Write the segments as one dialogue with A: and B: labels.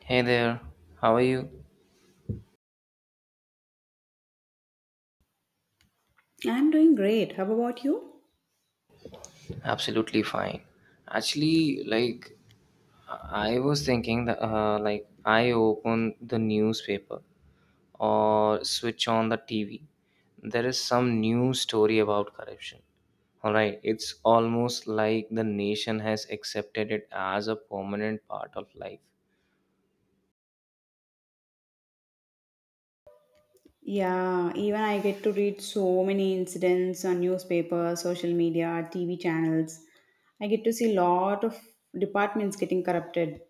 A: Hey there, how are you?
B: I'm doing great. How about you?
A: Absolutely fine. Actually, I was thinking that, like I open the newspaper or switch on the TV, there is some new story about corruption. All right, it's almost like the nation has accepted it as a permanent part of life.
B: Yeah, even I get to read so many incidents on newspapers, social media, TV channels. I get to see lot of departments getting corrupted.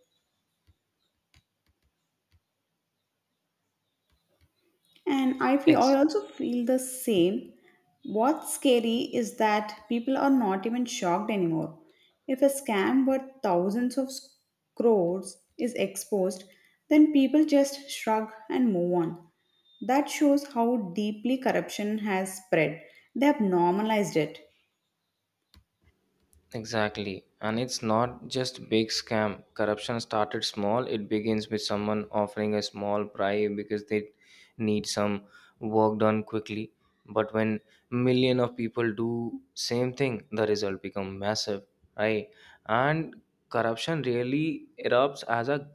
B: And I
A: Ex-
B: also feel the same. What's scary is that people are not even shocked anymore. If a scam worth crores is exposed, then people just shrug and move on. That shows how deeply corruption has spread. They have normalized it.
A: Exactly. And it's not just big scam. Corruption started small. It begins with someone offering a small bribe because they need some work done quickly. But when million of people do same thing, the result become massive, right? And corruption really erupts as a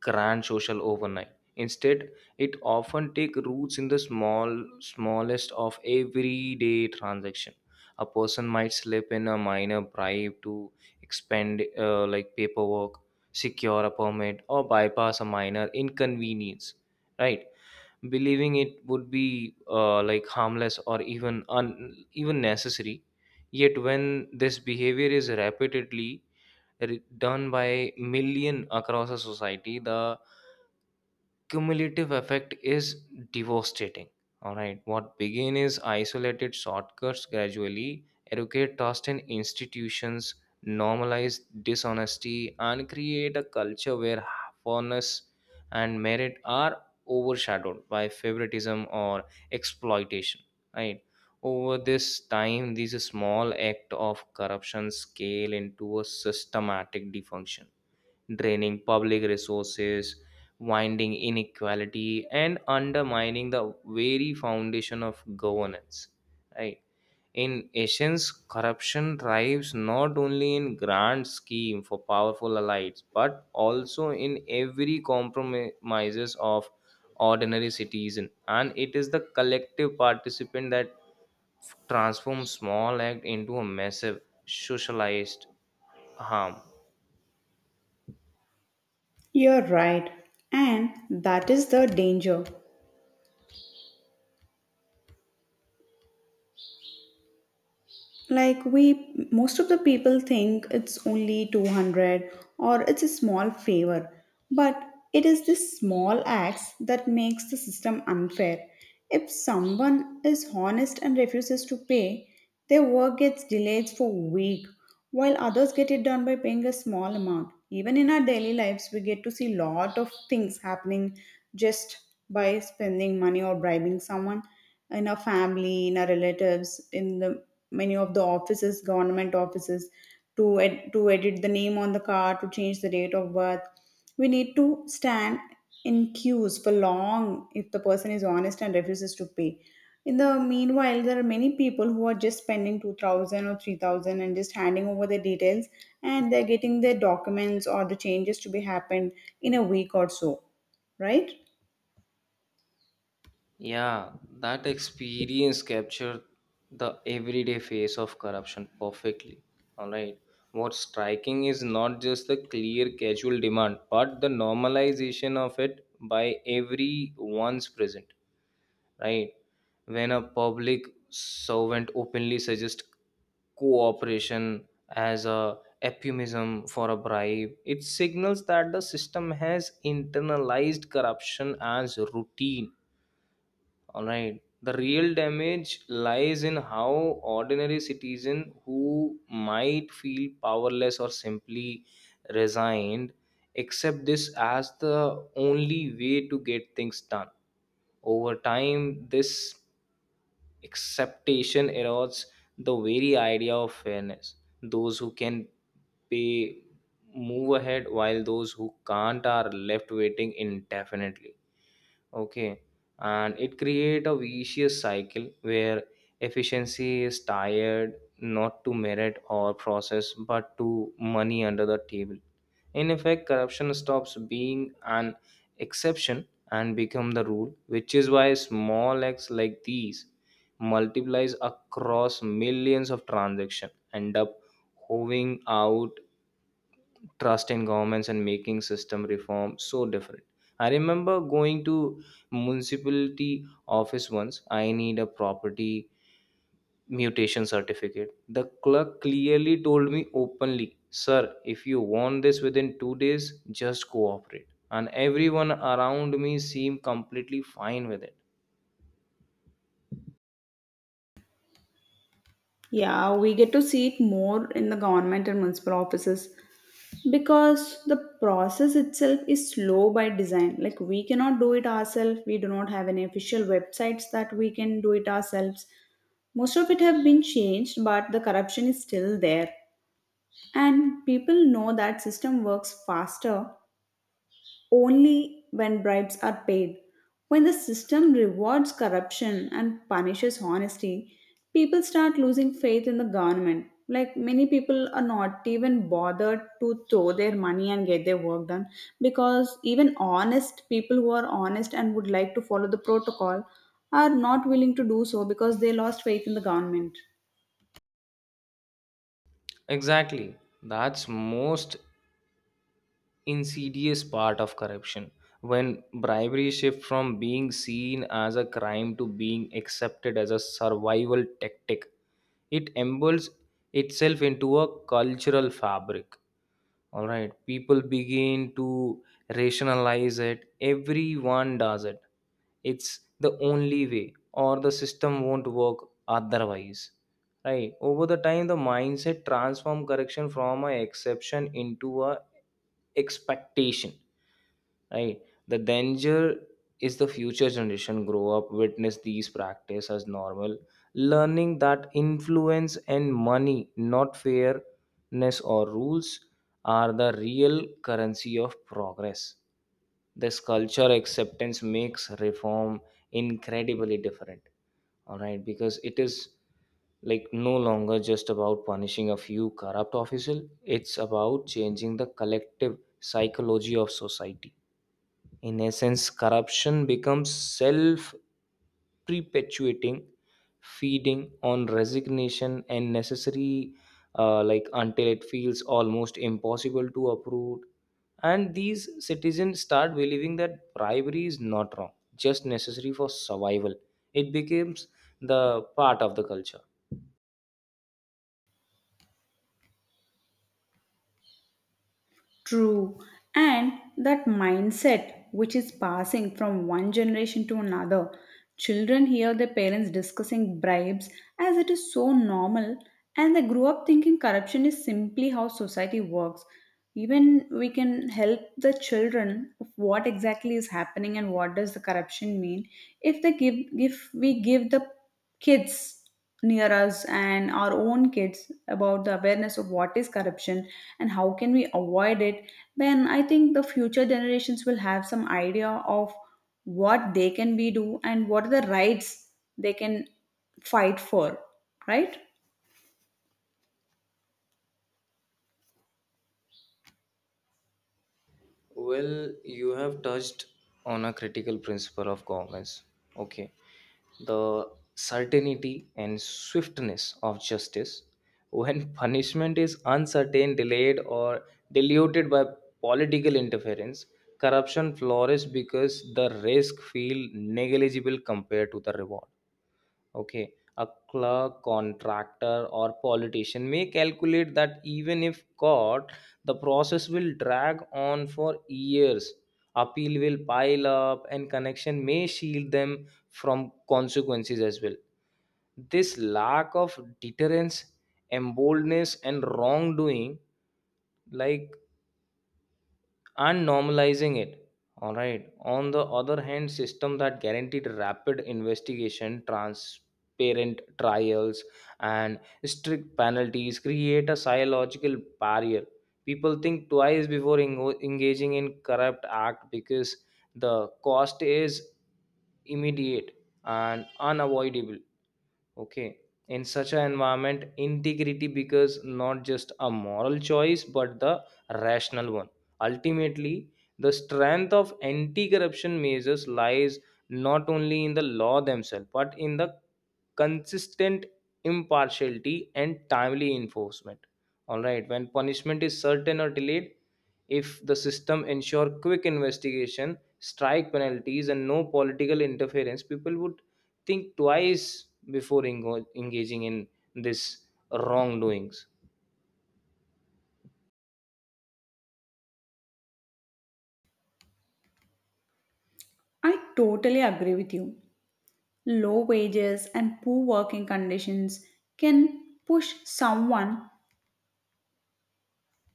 A: grand social overnight. Instead, it often take roots in the small smallest of everyday transaction. A person might slip in a minor bribe to expend like paperwork, secure a permit, or bypass a minor inconvenience, right? Believing it would be like harmless or even even necessary. Yet when this behavior is repeatedly done by million across a society, the cumulative effect is devastating. All right, what begin is isolated shortcuts gradually educate, trust in institutions, normalize dishonesty, and create a culture where fairness and merit are overshadowed by favoritism or exploitation. Right. Over this time, these small act of corruption scale into a systematic dysfunction draining public resources, winding inequality, and undermining the very foundation of governance. Right? In essence, corruption thrives not only in grand scheme for powerful elites, but also in every compromises of ordinary citizen. And it is the collective participant that transforms small act into a massive socialized harm.
B: You're right. And that is the danger. Like we, most of the people think it's only 200 or it's a small favor, but it is this small acts that makes the system unfair. If someone is honest and refuses to pay, their work gets delayed for a week while others get it done by paying a small amount. Even in our daily lives, we get to see lot of things happening just by spending money or bribing someone in our family, in our relatives, in the many of the offices, government offices, to edit the name on the card, to change the date of birth. We need to stand in queues for long if the person is honest and refuses to pay. In the meanwhile, there are many people who are just spending 2000 or 3000 and just handing over the details and they're getting their documents or the changes to be happened in a week or so, right?
A: Yeah, that experience captured the everyday face of corruption perfectly. All right. What's striking is not just the clear casual demand, but the normalization of it by everyone's present, right? When a public servant openly suggests cooperation as a euphemism for a bribe, it signals that the system has internalized corruption as routine. Alright. The real damage lies in how ordinary citizen who might feel powerless or simply resigned accept this as the only way to get things done. Over time, this acceptation erodes the very idea of fairness. Those who can pay move ahead while those who can't are left waiting indefinitely. Okay. And it create a vicious cycle where efficiency is tired not to merit or process but to money under the table. In effect, corruption stops being an exception and become the rule, which is why small acts like these multiplies across millions of transactions, end up hovering out trust in governments and making system reform so different. I remember going to municipality office once. I need a property mutation certificate. The clerk clearly told me openly, "Sir, if you want this within 2 days, just cooperate." And everyone around me seemed completely fine with it.
B: Yeah, we get to see it more in the government and municipal offices because the process itself is slow by design. Like we cannot do it ourselves, we do not have any official websites that we can do it ourselves. Most of it have been changed, but the corruption is still there, and people know that system works faster only when bribes are paid. When the system rewards corruption and punishes honesty, people start losing faith in the government. Like many people are not even bothered to throw their money and get their work done because even honest people who are honest and would like to follow the protocol are not willing to do so because they lost faith in the government.
A: Exactly. That's most insidious part of corruption when bribery shifts from being seen as a crime to being accepted as a survival tactic, it embedded itself into a cultural fabric. All right, people begin to rationalize it. Everyone does it, it's the only way, or the system won't work otherwise, right? Over the time the mindset transform correction from a exception into a expectation, right? The danger is the future generation grow up witness these practice as normal, learning that influence and money, not fairness or rules, are the real currency of progress. This culture acceptance makes reform incredibly different, all right, because it is like no longer just about punishing a few corrupt officials; it's about changing the collective psychology of society. In essence, corruption becomes self perpetuating, feeding on resignation and necessary, until it feels almost impossible to uproot. And these citizens start believing that bribery is not wrong, just necessary for survival. It becomes the part of the culture.
B: True. And that mindset, which is passing from one generation to another, children hear their parents discussing bribes as it is so normal, and they grow up thinking corruption is simply how society works. Even we can help the children of what exactly is happening and what does the corruption mean. If we give the kids near us and our own kids about the awareness of what is corruption and how can we avoid it, then I think the future generations will have some idea of what they can be do and what are the rights they can fight for, right?
A: Well, you have touched on a critical principle of governments. Okay. The certainty and swiftness of justice. When punishment is uncertain, delayed, or diluted by political interference, corruption flourishes because the risk feel negligible compared to the reward. Okay. A clerk, contractor, or politician may calculate that even if caught, the process will drag on for years. Appeal will pile up, and connection may shield them from consequences as well. This lack of deterrence, emboldness, and wrongdoing, like and normalizing it. All right, on the other hand system that guaranteed rapid investigation, transparent trials, and strict penalties create a psychological barrier. People think twice before engaging in corrupt act because the cost is immediate and unavoidable. Okay. In such an environment, integrity becomes not just a moral choice but the rational one. Ultimately, the strength of anti corruption measures lies not only in the law themselves but in the consistent impartiality and timely enforcement. All right, when punishment is certain or delayed, if the system ensure quick investigation, strike penalties and no political interference, people would think twice before engaging in this wrongdoings.
B: I totally agree with you. Low wages and poor working conditions can push someone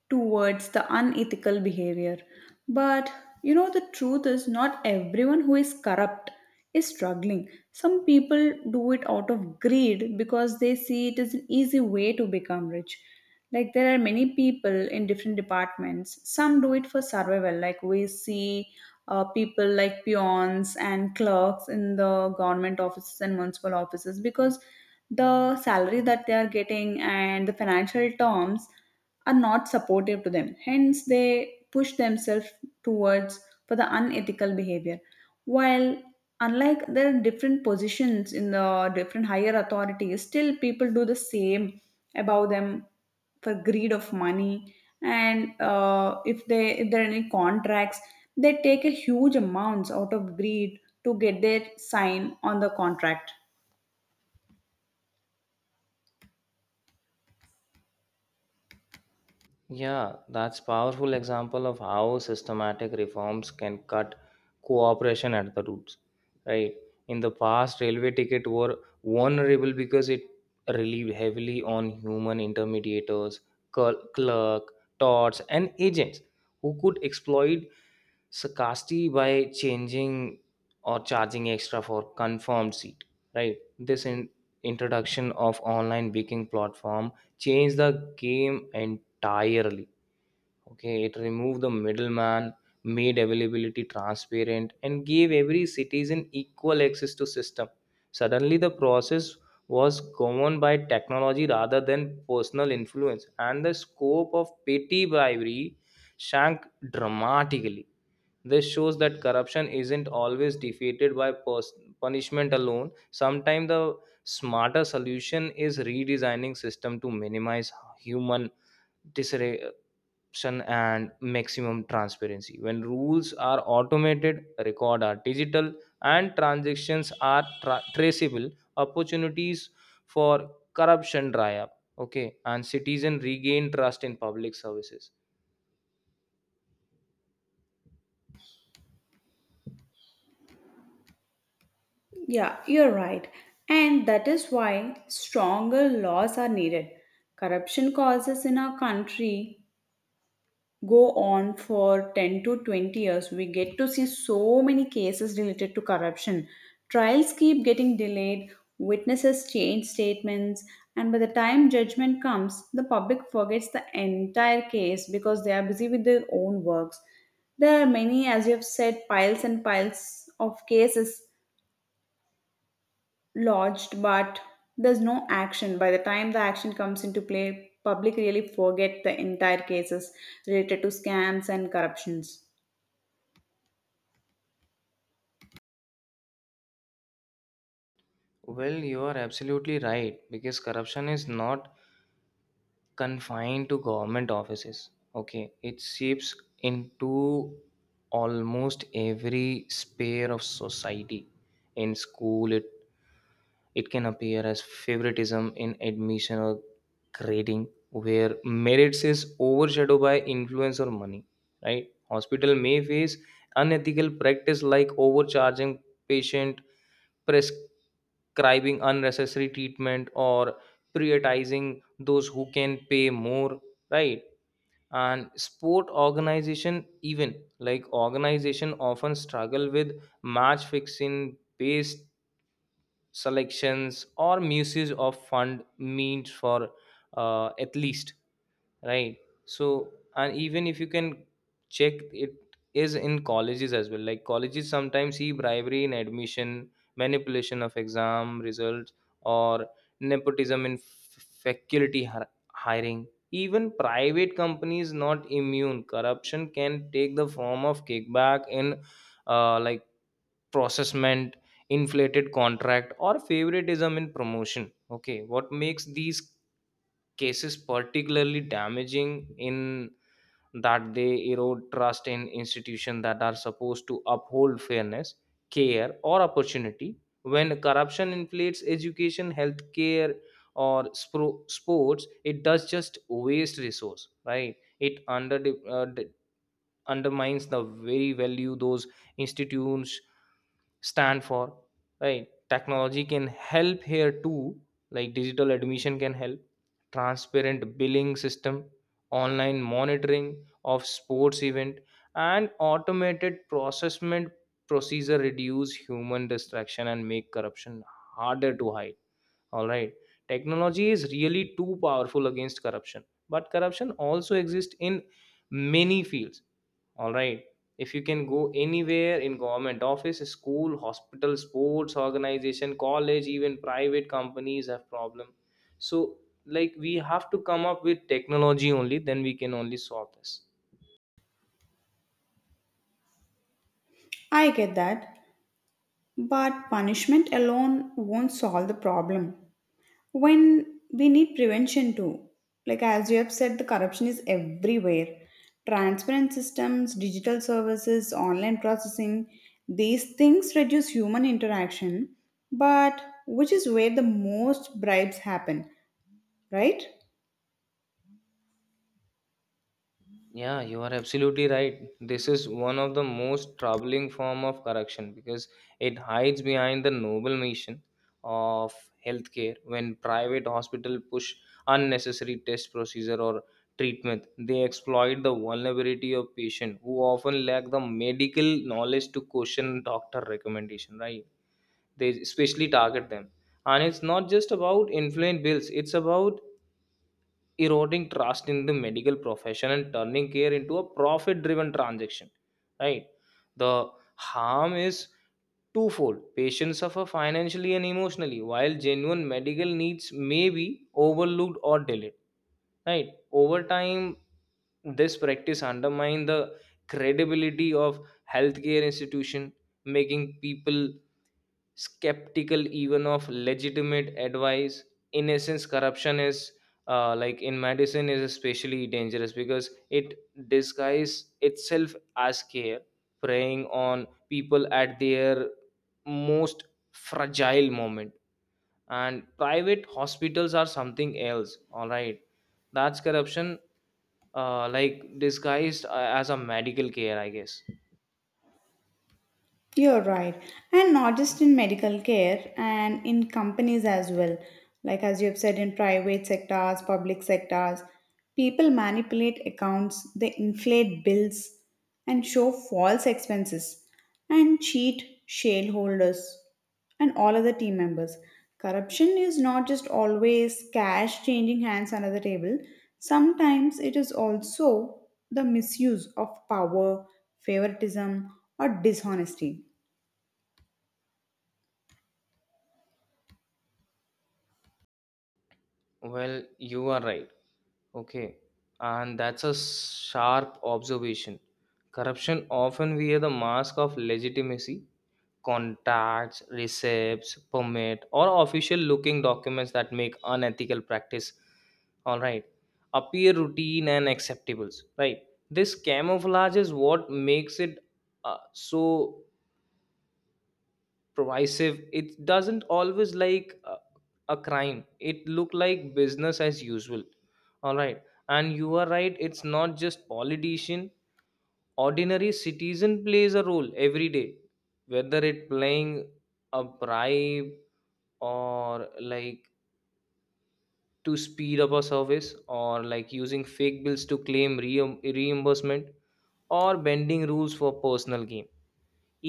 B: towards the unethical behavior. But you know, the truth is, not everyone who is corrupt is struggling. Some people do it out of greed because they see it as an easy way to become rich. Like, there are many people in different departments. Some do it for survival, like, we see. People like peons and clerks in the government offices and municipal offices because the salary that they are getting and the financial terms are not supportive to them. Hence, they push themselves towards for the unethical behavior. While unlike there are different positions in the different higher authorities, still people do the same above them for greed of money. And if there are any contracts, they take a huge amounts out of greed to get their sign on the contract.
A: Yeah, that's powerful example of how systematic reforms can cut cooperation at the roots. Right. In the past, railway ticket were vulnerable because it relied heavily on human intermediators, clerk, tots, and agents who could exploit scarcity by changing or charging extra for confirmed seat. Right. This introduction of online booking platform changed the game entirely. Okay, it removed the middleman, made availability transparent, and gave every citizen equal access to system. Suddenly, the process was governed by technology rather than personal influence, and the scope of petty bribery shrank dramatically. This shows that corruption isn't always defeated by punishment alone. Sometimes the smarter solution is redesigning system to minimize human disruption and maximum transparency. When rules are automated, record are digital, and transactions are traceable, opportunities for corruption dry up. Okay, and citizen regain trust in public services.
B: Yeah, you're right. And that is why stronger laws are needed. Corruption causes in our country go on for 10 to 20 years. We get to see so many cases related to corruption. Trials keep getting delayed, witnesses change statements, and by the time judgment comes, the public forgets the entire case because they are busy with their own works. There are many, as you have said, piles and piles of cases lodged, but there's no action. By the time the action comes into play, public really forget the entire cases related to scams and corruptions.
A: Well, you are absolutely right because corruption is not confined to government offices. Okay, it seeps into almost every sphere of society. In school, it can appear as favoritism in admission or grading where merits is overshadowed by influence or money, right? Hospital may face unethical practice like overcharging patient, prescribing unnecessary treatment, or prioritizing those who can pay more, right? And sport organization, even like organization, often struggle with match fixing based selections or misuse of fund means for at least, right? So, and even if you can check, it is in colleges as well. Like colleges sometimes see bribery in admission, manipulation of exam results, or nepotism in faculty hiring. Even private companies not immune, corruption can take the form of kickback in uh, like processment inflated contract or favoritism in promotion. Okay, what makes these cases particularly damaging in that they erode trust in institutions that are supposed to uphold fairness, care or opportunity. When corruption inflates education, healthcare, or sports, it does just waste resource, right? It under uh, d- undermines the very value those institutes stand for, right? Technology can help here too, like digital admission can help, transparent billing system, online monitoring of sports event, and automated processment procedure reduce human distraction and make corruption harder to hide, all right? Technology is really too powerful against corruption, but corruption also exists in many fields, all right? If you can go anywhere in government office, school, hospital, sports organization, college, even private companies have problem. So, like we have to come up with technology, only then we can only solve this.
B: I get that, but punishment alone won't solve the problem when we need prevention too. Like as you have said, the corruption is everywhere. Transparent systems, digital services, online processing, these things reduce human interaction, but which is where the most bribes happen, right?
A: Yeah, you are absolutely right. This is one of the most troubling form of corruption because it hides behind the noble mission of healthcare. When private hospital push unnecessary test procedure or treatment, they exploit the vulnerability of patient who often lack the medical knowledge to question doctor recommendation. Right? They especially target them, and it's not just about influent bills. It's about eroding trust in the medical profession and turning care into a profit driven transaction, right? The harm is twofold, patients suffer financially and emotionally while genuine medical needs may be overlooked or delayed. Right. Over time, this practice undermine the credibility of healthcare institution, making people skeptical even of legitimate advice. In essence, corruption is in medicine is especially dangerous because it disguises itself as care, preying on people at their most fragile moment. And private hospitals are something else, all right? That's corruption disguised as a medical care, I guess.
B: You're right. And not just in medical care and in companies as well. Like as you have said, in private sectors, public sectors, people manipulate accounts, they inflate bills and show false expenses and cheat shareholders and all other team members. Corruption is not just always cash changing hands under the table, sometimes it is also the misuse of power, favoritism, or dishonesty.
A: Well, you are right. Okay, and that's a sharp observation. Corruption often wear the mask of legitimacy, contacts, receipts, permit, or official looking documents that make unethical practice, all right, appear routine and acceptable, right? This camouflage is what makes it so pervasive. It doesn't always like a crime. It look like business as usual, all right. And you are right. It's not just politician. Ordinary citizen plays a role every day, whether it playing a bribe or like to speed up a service or like using fake bills to claim reimbursement or bending rules for personal gain,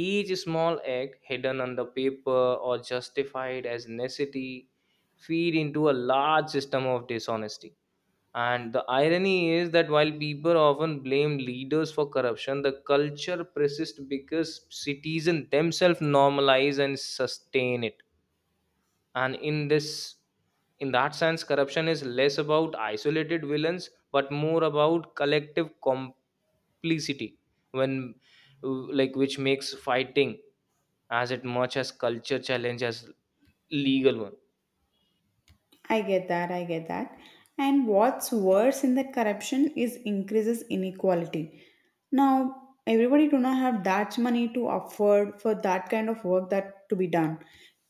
A: each small act hidden under paper or justified as necessity feed into a large system of dishonesty. And the irony is that while people often blame leaders for corruption, the culture persists because citizens themselves normalize and sustain it. And in that sense, corruption is less about isolated villains but more about collective complicity, when like which makes fighting as it much as culture challenge as legal one.
B: I get that. And what's worse in that corruption is increases inequality. Now, everybody do not have that money to afford for that kind of work that to be done.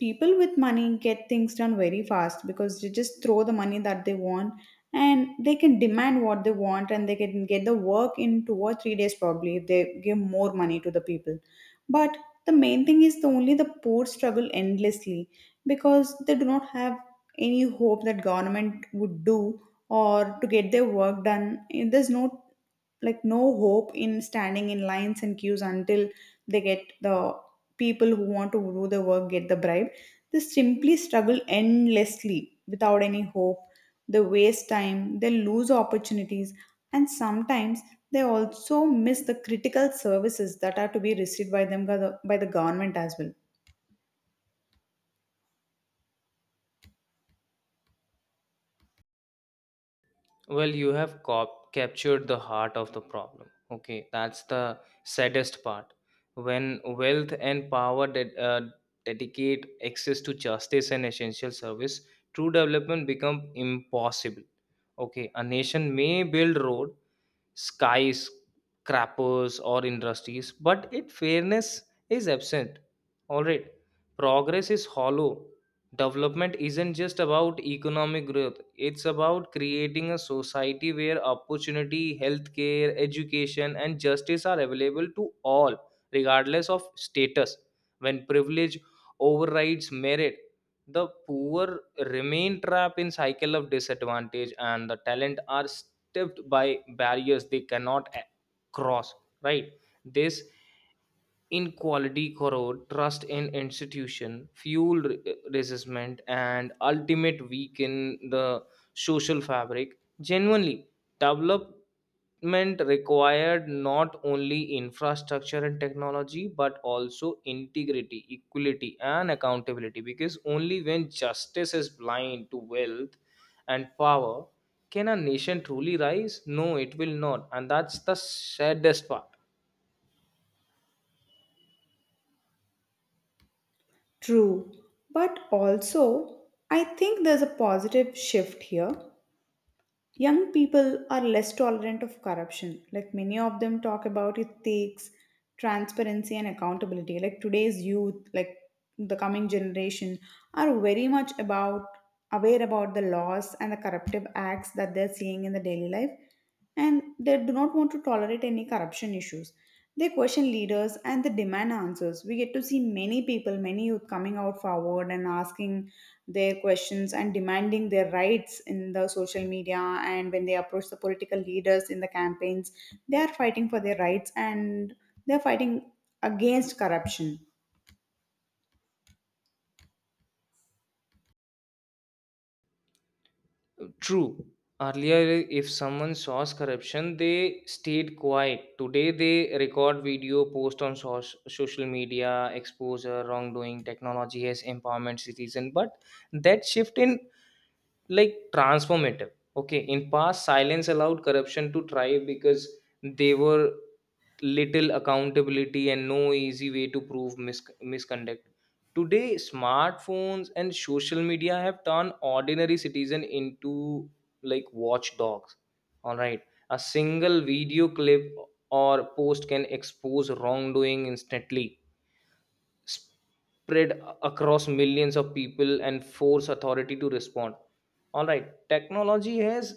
B: People with money get things done very fast because they just throw the money that they want and they can demand what they want and they can get the work in two or three days probably if they give more money to the people. But the main thing is the only the poor struggle endlessly because they do not have any hope that government would do or to get their work done. And there's no hope in standing in lines and queues until they get the people who want to do the work get the bribe. They simply struggle endlessly without any hope. They waste time, they lose opportunities, and sometimes they also miss the critical services that are to be received by them by the government as well.
A: Well, you have captured the heart of the problem. Okay, that's the saddest part. When wealth and power dedicate access to justice and essential service, true development become impossible. Okay, a nation may build road, skyscrapers or industries, but it fairness is absent. All right, progress is hollow. Development isn't just about economic growth, it's about creating a society where opportunity, healthcare, education, and justice are available to all, regardless of status. When privilege overrides merit, the poor remain trapped in cycle of disadvantage and the talent are tipped by barriers they cannot cross, right? This inequality corrode trust in institution, fuel resentment and ultimate weaken the social fabric. Genuinely develop development required not only infrastructure and technology but also integrity, equality and accountability, because only when justice is blind to wealth and power can a nation truly rise. No, it will not, and that's the saddest part.
B: True, but also I think there's a positive shift here. Young people are less tolerant of corruption. Like many of them talk about it takes transparency and accountability. Like today's youth, like the coming generation, are very much about aware about the laws and the corruptive acts that they're seeing in the daily life, and they do not want to tolerate any corruption issues. They question leaders and they demand answers. We get to see many people, many youth coming out forward and asking their questions and demanding their rights in the social media, and when they approach the political leaders in the campaigns, they are fighting for their rights and they're fighting against corruption.
A: True. Earlier, if someone saws corruption, they stayed quiet. Today, they record video, post on social media, expose wrongdoing. Technology has empowerment citizen, but that shift in like transformative. Okay, in past, silence allowed corruption to thrive because they were little accountability and no easy way to prove misconduct. Today, smartphones and social media have turned ordinary citizen into like watchdogs. All right, a single video clip or post can expose wrongdoing instantly, spread across millions of people and force authority to respond. All right, technology has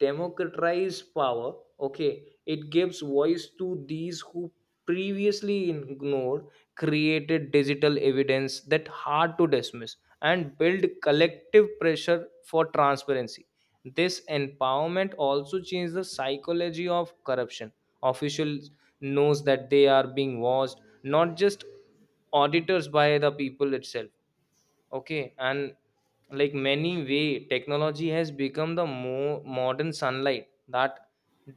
A: democratized power. Okay, it gives voice to these who previously ignored, created digital evidence that hard to dismiss, and build collective pressure for transparency. This empowerment also changed the psychology of corruption. Officials knows that they are being watched, not just auditors by the people itself. Okay, and like many way, technology has become the more modern sunlight that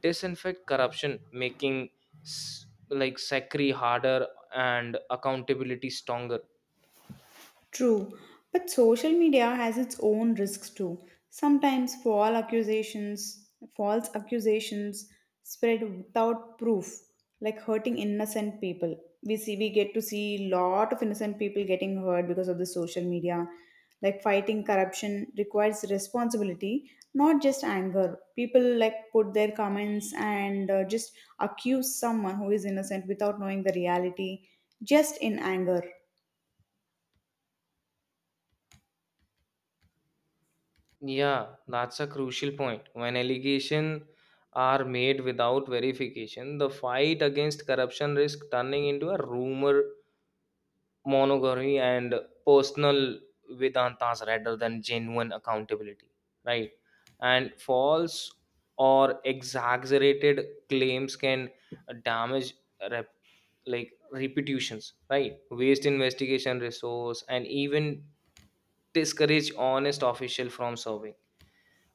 A: disinfect corruption, making like sacri harder and accountability stronger.
B: True, but social media has its own risks too. Sometimes false accusations spread without proof, like hurting innocent people. We get to see lot of innocent people getting hurt because of the social media. Like fighting corruption requires responsibility, not just anger. People like put their comments and just accuse someone who is innocent without knowing the reality, just in anger.
A: Yeah, that's a crucial point. When allegations are made without verification, the fight against corruption risks turning into a rumor monogamy and personal Vedantas rather than genuine accountability, right? And false or exaggerated claims can damage rep- like reputations, right? Waste investigation resource and even discourage honest official from serving.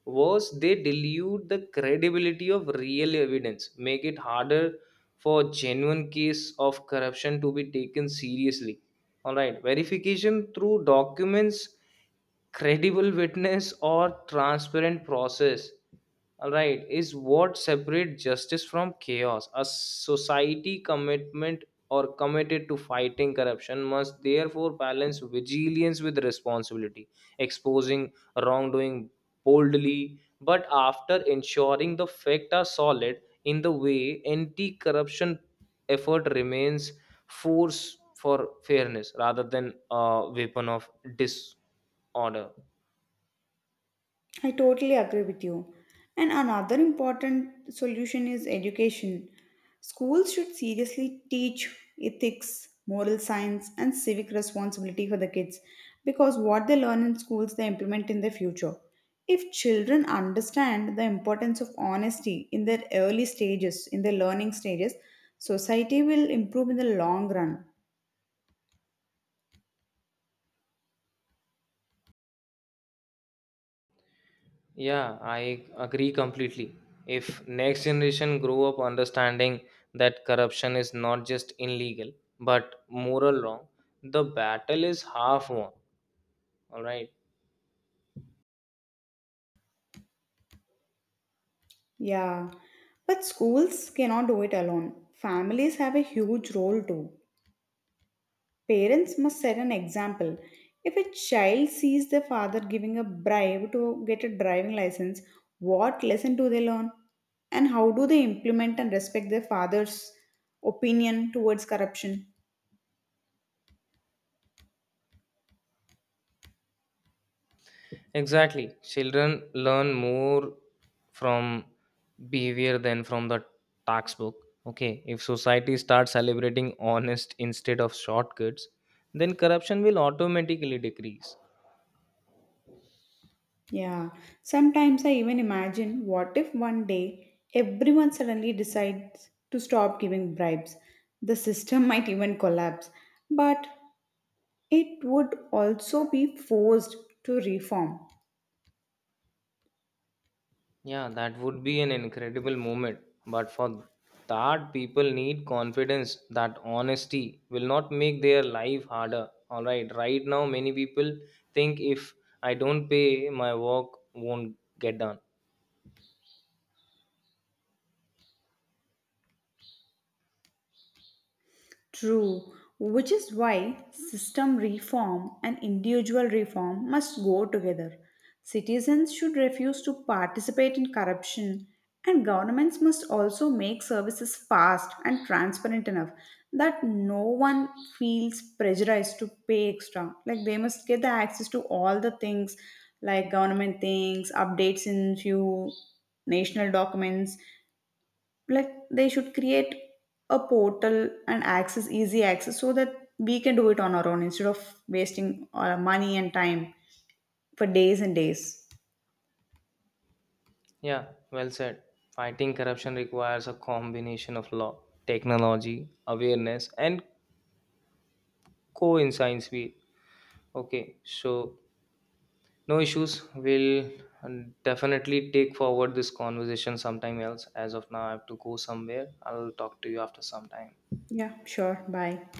A: Worse, they dilute the credibility of real evidence, make it harder for genuine case of corruption to be taken seriously. All right, verification through documents, credible witness, or transparent process, all right, is what separates justice from chaos. A society commitment or committed to fighting corruption must therefore balance vigilance with responsibility, exposing wrongdoing boldly, but after ensuring the facts are solid. In the way, anti-corruption effort remains force for fairness rather than a weapon of disorder.
B: I totally agree with you. And another important solution is education. Schools should seriously teach ethics, moral science, and civic responsibility for the kids because what they learn in schools they implement in their future. If children understand the importance of honesty in their early stages, in their learning stages, society will improve in the long run.
A: Yeah, I agree completely. If next generation grow up understanding that corruption is not just illegal but moral wrong, the battle is half won. All right.
B: Yeah. But schools cannot do it alone. Families have a huge role too. Parents must set an example. If a child sees their father giving a bribe to get a driving license, what lesson do they learn? And how do they implement and respect their father's opinion towards corruption?
A: Exactly. Children learn more from behavior than from the textbook. Okay. If society starts celebrating honest instead of shortcuts, then corruption will automatically decrease.
B: Yeah, sometimes I even imagine what if one day everyone suddenly decides to stop giving bribes. The system might even collapse, but it would also be forced to reform.
A: Yeah, that would be an incredible moment. But for that, people need confidence that honesty will not make their life harder. All right, right now, many people think if I don't pay, my work won't get done.
B: True, which is why system reform and individual reform must go together. Citizens should refuse to participate in corruption, and governments must also make services fast and transparent enough that no one feels pressurized to pay extra. Like they must get the access to all the things like government things, updates in few national documents, like they should create a portal and access easy access so that we can do it on our own instead of wasting our money and time for days and days.
A: Yeah, well said. Fighting corruption requires a combination of law, technology, awareness, and coincides with. Okay, so no issues. We'll uh, definitely take forward this conversation sometime else. As of now, I have to go somewhere. I'll talk to you after some time.
B: Yeah, sure. Bye.